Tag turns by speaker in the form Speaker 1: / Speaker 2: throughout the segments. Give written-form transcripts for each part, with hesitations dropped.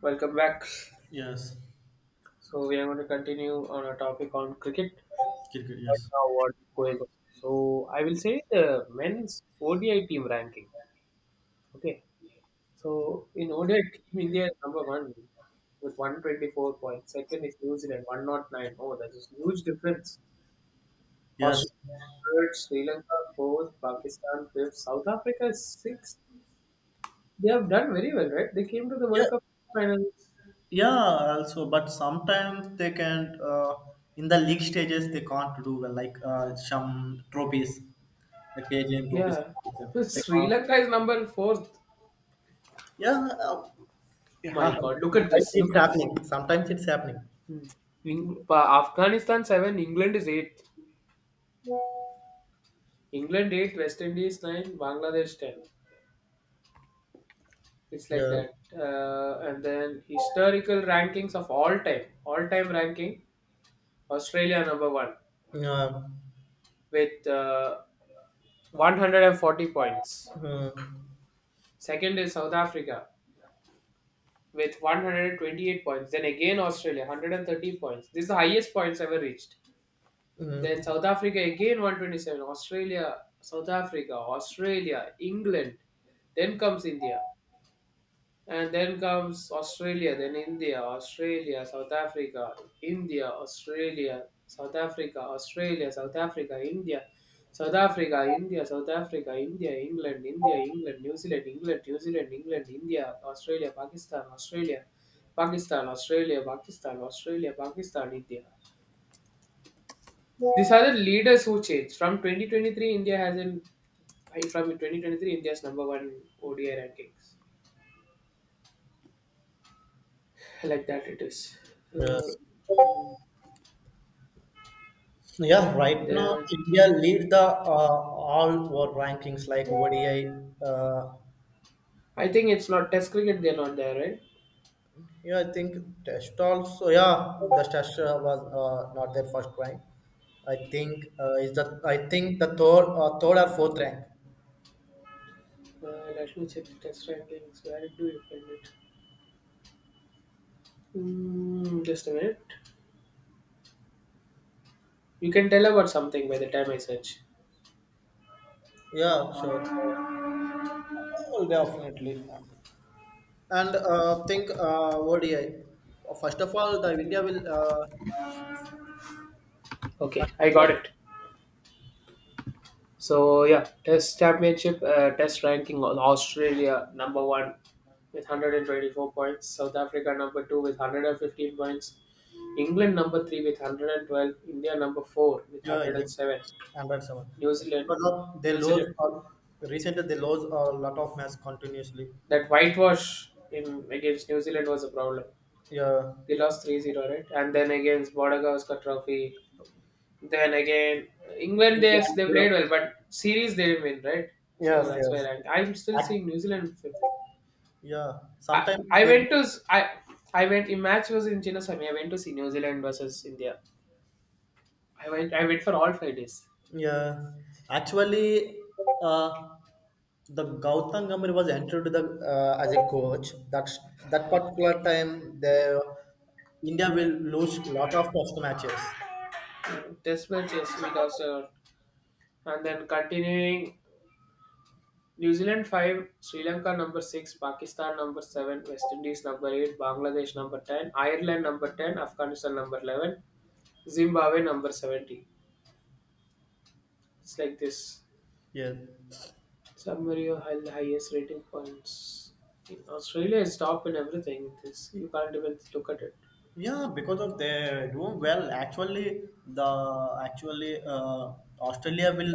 Speaker 1: Welcome back.
Speaker 2: Yes,
Speaker 1: So we are going to continue on a topic on cricket.
Speaker 2: cricket.
Speaker 1: Right
Speaker 2: Yes,
Speaker 1: now, what's going on? So I will say the men's ODI team ranking. Okay. So in ODI team, India is number one with 124 points. Second is New Zealand 109. Oh, that is huge difference.
Speaker 2: yes,
Speaker 1: Australia is third, Sri Lanka fourth, Pakistan fifth, South Africa is sixth. They have done very well, right? They came to the
Speaker 2: yeah,
Speaker 1: World Cup finals.
Speaker 2: yeah. Also, but sometimes they can't. In the league stages, they can't do well. Some trophies, the KGM trophies.
Speaker 1: Yeah.
Speaker 2: They
Speaker 1: Sri
Speaker 2: can't.
Speaker 1: Lanka is number fourth.
Speaker 2: Yeah, yeah.
Speaker 1: My God, look at
Speaker 2: Sometimes
Speaker 1: this! Look
Speaker 2: it's
Speaker 1: at this.
Speaker 2: happening. Sometimes it's happening.
Speaker 1: Hmm. Afghanistan seven, England is eight. England eight, West Indies nine, Bangladesh ten. It's like
Speaker 2: Yeah.
Speaker 1: that. And then historical rankings of all time ranking, Australia number one
Speaker 2: Yeah.
Speaker 1: with 140 points.
Speaker 2: Mm,
Speaker 1: Second is South Africa with 128 points. Then again Australia, 130 points. This is the highest points ever reached. Then
Speaker 2: mm,
Speaker 1: South Africa again 127, Australia, South Africa, Australia, England, then comes India, and then comes Australia, then India, Australia, South Africa, India, Australia, South Africa, Australia, South Africa, India, South Africa, India, South Africa, India, England, India, England, New Zealand, England, New Zealand, England, India, Australia, Pakistan, Australia, Pakistan, Australia, Pakistan, Australia, Pakistan, India. These are the leaders who changed. From 2023, India has an from 2023 India's number one ODI rankings. Like that, it is.
Speaker 2: yeah.
Speaker 1: Uh, mm,
Speaker 2: Yeah, right now
Speaker 1: there,
Speaker 2: India lead the all world rankings like ODI, uh,
Speaker 1: I think it's not Test cricket. They're not there, right?
Speaker 2: yeah, I think test also. Yeah, the test was not their first rank. I think is the I think the third third or fourth rank.
Speaker 1: Let me check the Test rankings. Where do you find it? Just a minute. You can tell about something by the time I search.
Speaker 2: Yeah, sure. Definitely. And think ODI. First of all, the India will
Speaker 1: Okay, I
Speaker 2: particular
Speaker 1: got it. So yeah, Test Championship, Test ranking on Australia number one with 124 points, South Africa number two with 115 points, England number three with 112, India number four with
Speaker 2: yeah, yes,
Speaker 1: 107,
Speaker 2: Android seven
Speaker 1: New Zealand,
Speaker 2: because of they
Speaker 1: New
Speaker 2: lose
Speaker 1: Zealand.
Speaker 2: all recently they lose a lot of match continuously.
Speaker 1: That whitewash in against New Zealand was a problem.
Speaker 2: Yeah,
Speaker 1: They lost 3-0, right? And then against Border Gavaskar Trophy. Then again, England, they,
Speaker 2: England,
Speaker 1: they
Speaker 2: Europe.
Speaker 1: played well, but series they didn't win, right? So
Speaker 2: Yes,
Speaker 1: that's where
Speaker 2: yes.
Speaker 1: I'm still seeing New Zealand fifth.
Speaker 2: Yeah, sometimes
Speaker 1: I
Speaker 2: they,
Speaker 1: went to s- I went. In match was in Chinnaswamy. I went to see New Zealand versus India. I went for all 5 days.
Speaker 2: yeah, actually, uh, the Gautam Gambhir was entered the as a coach. That particular time, the India will lose lot of test matches.
Speaker 1: And Test match yes, we lost and then continuing New Zealand five, Sri Lanka number six, Pakistan number seven, West Indies number eight, Bangladesh number ten, Ireland number ten, Afghanistan number 11, Zimbabwe number 70. It's like this.
Speaker 2: Yeah.
Speaker 1: Summary of highest rating points. In Australia is top in everything. This you can't even look at it.
Speaker 2: Yeah, because of they do well. Actually, the actually Australia will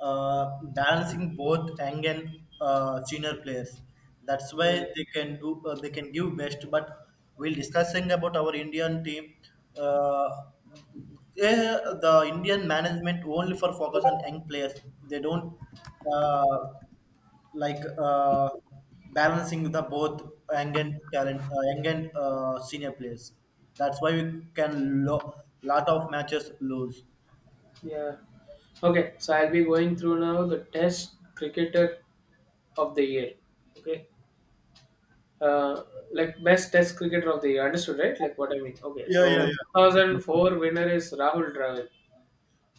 Speaker 2: balancing both young and senior players. That's why
Speaker 1: Hmm.
Speaker 2: they can do they can give best. But we'll discussing about our Indian team. Uh, the Indian management only for focus on young players. They don't. Uh, like uh, Balancing the both young and talent, young and senior players. That's why we can lot of matches lose.
Speaker 1: Yeah. Okay, so I'll be going through now the Test Cricketer of the Year. Okay, uh, like best Test Cricketer of the Year. Understood, right? Like what I mean. Okay,
Speaker 2: Yeah, yeah,
Speaker 1: so
Speaker 2: yeah.
Speaker 1: 2004 winner is Rahul Dravid.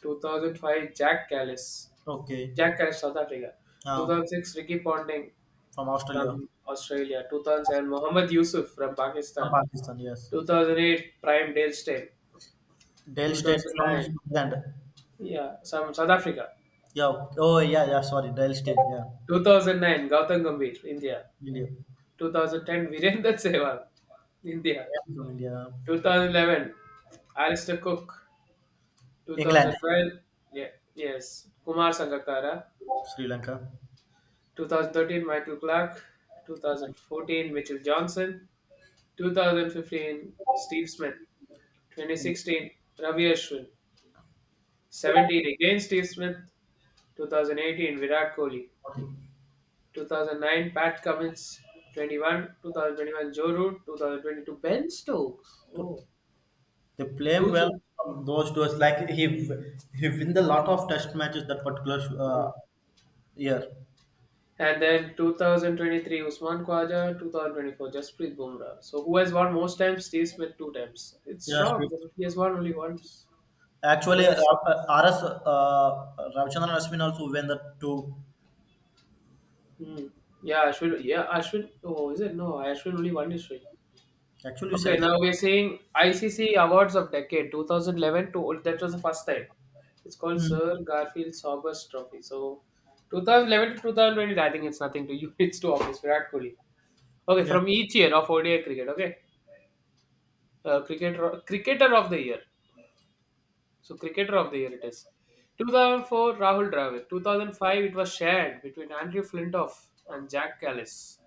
Speaker 1: 2005 Jack Callis,
Speaker 2: Okay,
Speaker 1: Jack Callis South Africa.
Speaker 2: uh,
Speaker 1: 2006 Ricky Ponting
Speaker 2: from Australia,
Speaker 1: from Australia. 2007 Mohammad Yusuf from
Speaker 2: from
Speaker 1: Pakistan.
Speaker 2: Pakistan, yes.
Speaker 1: 2008 Prime Dale Steyn.
Speaker 2: Dale State from
Speaker 1: 2009
Speaker 2: England.
Speaker 1: yeah some South Africa.
Speaker 2: Yeah. Oh yeah, yeah. Sorry, Dale State. Yeah,
Speaker 1: 2009 Gautam Gambhir India.
Speaker 2: India.
Speaker 1: 2010 Virendra Sehwag,
Speaker 2: I
Speaker 1: India.
Speaker 2: am from India.
Speaker 1: 2011 Alistair Cook.
Speaker 2: England,
Speaker 1: 2012 yeah, yes Kumar Sangakkara.
Speaker 2: Sri Lanka.
Speaker 1: 2013 Michael Clark. 2014 Mitchell Johnson. 2015 Steve Smith. 2016 Ravi Ashwin. 17 again Steve Smith. 2018 Virat Kohli.
Speaker 2: Okay.
Speaker 1: 2009 Pat Cummins. 21 2021 Joe Root. 2022 Ben Stokes. Oh,
Speaker 2: So, they play him well
Speaker 1: two.
Speaker 2: from those tours. Like he win the lot of test matches that particular uh, year.
Speaker 1: And then 2023 Usman Khawaja, 2024 Jasprit Bumrah. So who has won most times? Steve Smith two times. It's
Speaker 2: Yeah,
Speaker 1: shock
Speaker 2: Swift.
Speaker 1: that he has won only once,
Speaker 2: Actually,
Speaker 1: twice.
Speaker 2: RS Ravichandran Ashwin also win the two.
Speaker 1: Hmm. Yeah, Ashwin. Yeah, Ashwin. Oh, is it? No, Ashwin only one is right.
Speaker 2: Actually, you
Speaker 1: Okay,
Speaker 2: said that.
Speaker 1: now we're saying ICC Awards of Decade 2011 to that was the first time. It's called Sir
Speaker 2: Hmm.
Speaker 1: Garfield August Trophy. So 2011 to 2020, I think it's nothing to you. It's too obvious. Virat Kohli. Okay,
Speaker 2: Yeah.
Speaker 1: from each year of ODI cricket. Okay, cricketer of the year. So cricketer of the year it is. 2004 Rahul Dravid. 2005 it was shared between Andrew Flintoff and Jack Callis.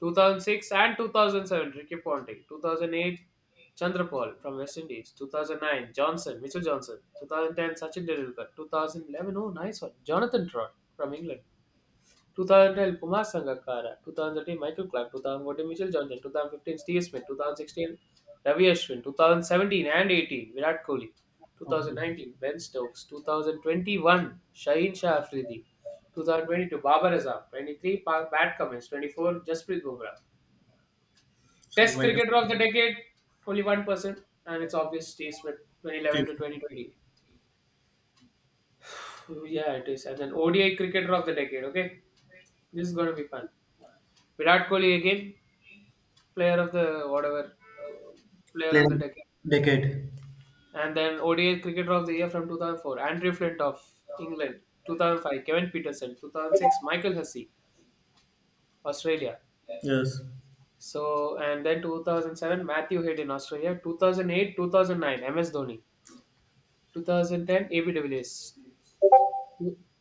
Speaker 1: 2006 and 2007 Ricky Ponting. 2008 Chandrapal from West Indies. 2009 Johnson Mitchell Johnson. 2010 Sachin Tendulkar. 2011, oh nice one Jonathan Trott from England. 2012 Kumar Sangakkara, 2013 Michael Clark, 2014 Mitchell Johnson, 2015 Steve Smith, 2016 Ravi Ashwin, 2017 and 18 Virat Kohli,
Speaker 2: Okay.
Speaker 1: 2019 Ben Stokes, 2021 Shaheen Shah Afridi, 2022 Babar Azam, 23 Pat Cummins, 24 Jasprit Bumrah.
Speaker 2: So
Speaker 1: Test
Speaker 2: wait a
Speaker 1: cricketer of the decade, only one person, and it's obvious Steve Smith, 2011 to 2020. Oh, yeah, it is. And then ODI cricketer of the decade, okay? This is going to be fun. Virat Kohli again, player of the whatever, player of the
Speaker 2: playing
Speaker 1: decade.
Speaker 2: decade.
Speaker 1: And then ODI Cricketer of the Year from 2004, Andrew Flint of England. 2005, Kevin Peterson. 2006, Michael Hussey, Australia.
Speaker 2: Yes.
Speaker 1: So, and then 2007, Matthew Head in Australia. 2008, 2009, MS Dhoni. 2010, AB de Villiers.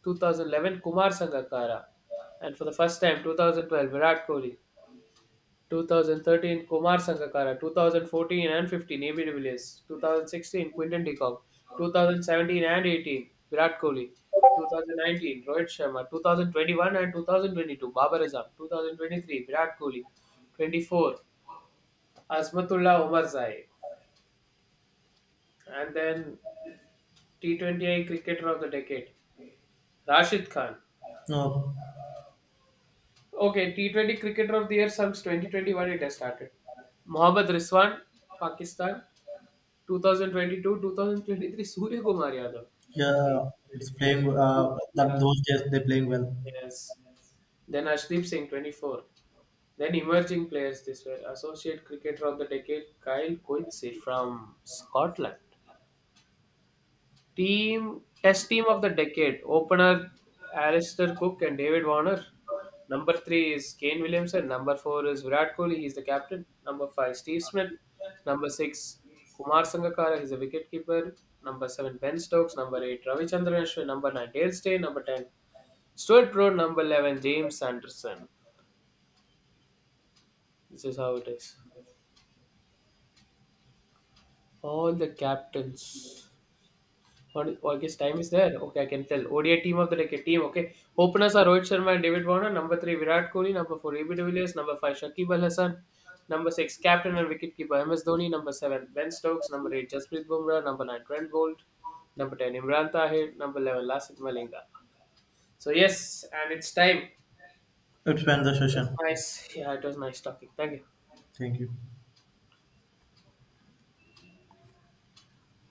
Speaker 1: 2011, Kumar Sangakkara. And for the first time, 2012, Virat Kohli. 2013 Kumar Sangakkara, 2014 and 15 AB de Villiers, 2016 Quinton de Kock, 2017 and 18 Virat Kohli, 2019 Rohit Sharma, 2021 and 2022 Babar Azam, 2023 Virat Kohli, 24 Asmatullah Omar Zai, and then T20I Cricketer of the Decade Rashid Khan.
Speaker 2: No.
Speaker 1: Okay, T20 Cricketer of the Year since 2021 it has started. Mohammad Rizwan, Pakistan. 2022, 2023 Surya Kumar Yadav. Okay.
Speaker 2: Yeah. It's playing.
Speaker 1: Two-
Speaker 2: That
Speaker 1: Yeah.
Speaker 2: those days they playing well.
Speaker 1: Yes. Then Ashdeep Singh, 24. Then emerging players this were Associate Cricketer of the Decade, Kyle Coetzee from Scotland. Team Test Team of the Decade: Opener Alistair Cook and David Warner. Number three is Kane Williamson. Number four is Virat Kohli. He's the captain. Number five, Steve Smith. Number six, Kumar Sangakkara. He's a wicketkeeper. Number seven, Ben Stokes. Number eight, Ravichandran Ashwin. Number nine, Dale Steyn. Number ten, Stuart Broad. Number 11, James Anderson. This is how it is. All the captains. What oh, I guess time is there. Okay, I can tell. ODI team of the decade team. Okay, openers are Rohit Sharma and David Warner. Number three, Virat Kohli. Number four, AB de Villiers. Number five, Shakib Al Hasan. Number six, captain and wicketkeeper MS Dhoni. Number seven, Ben Stokes. Number eight, Jasprit Bumrah. Number nine, Trent Bolt. Number ten, Imran Tahir. Number 11, Lasith Malinga. So yes, and it's time.
Speaker 2: It's been the
Speaker 1: It's
Speaker 2: session.
Speaker 1: nice. Yeah, it was nice talking. Thank you.
Speaker 2: Thank you.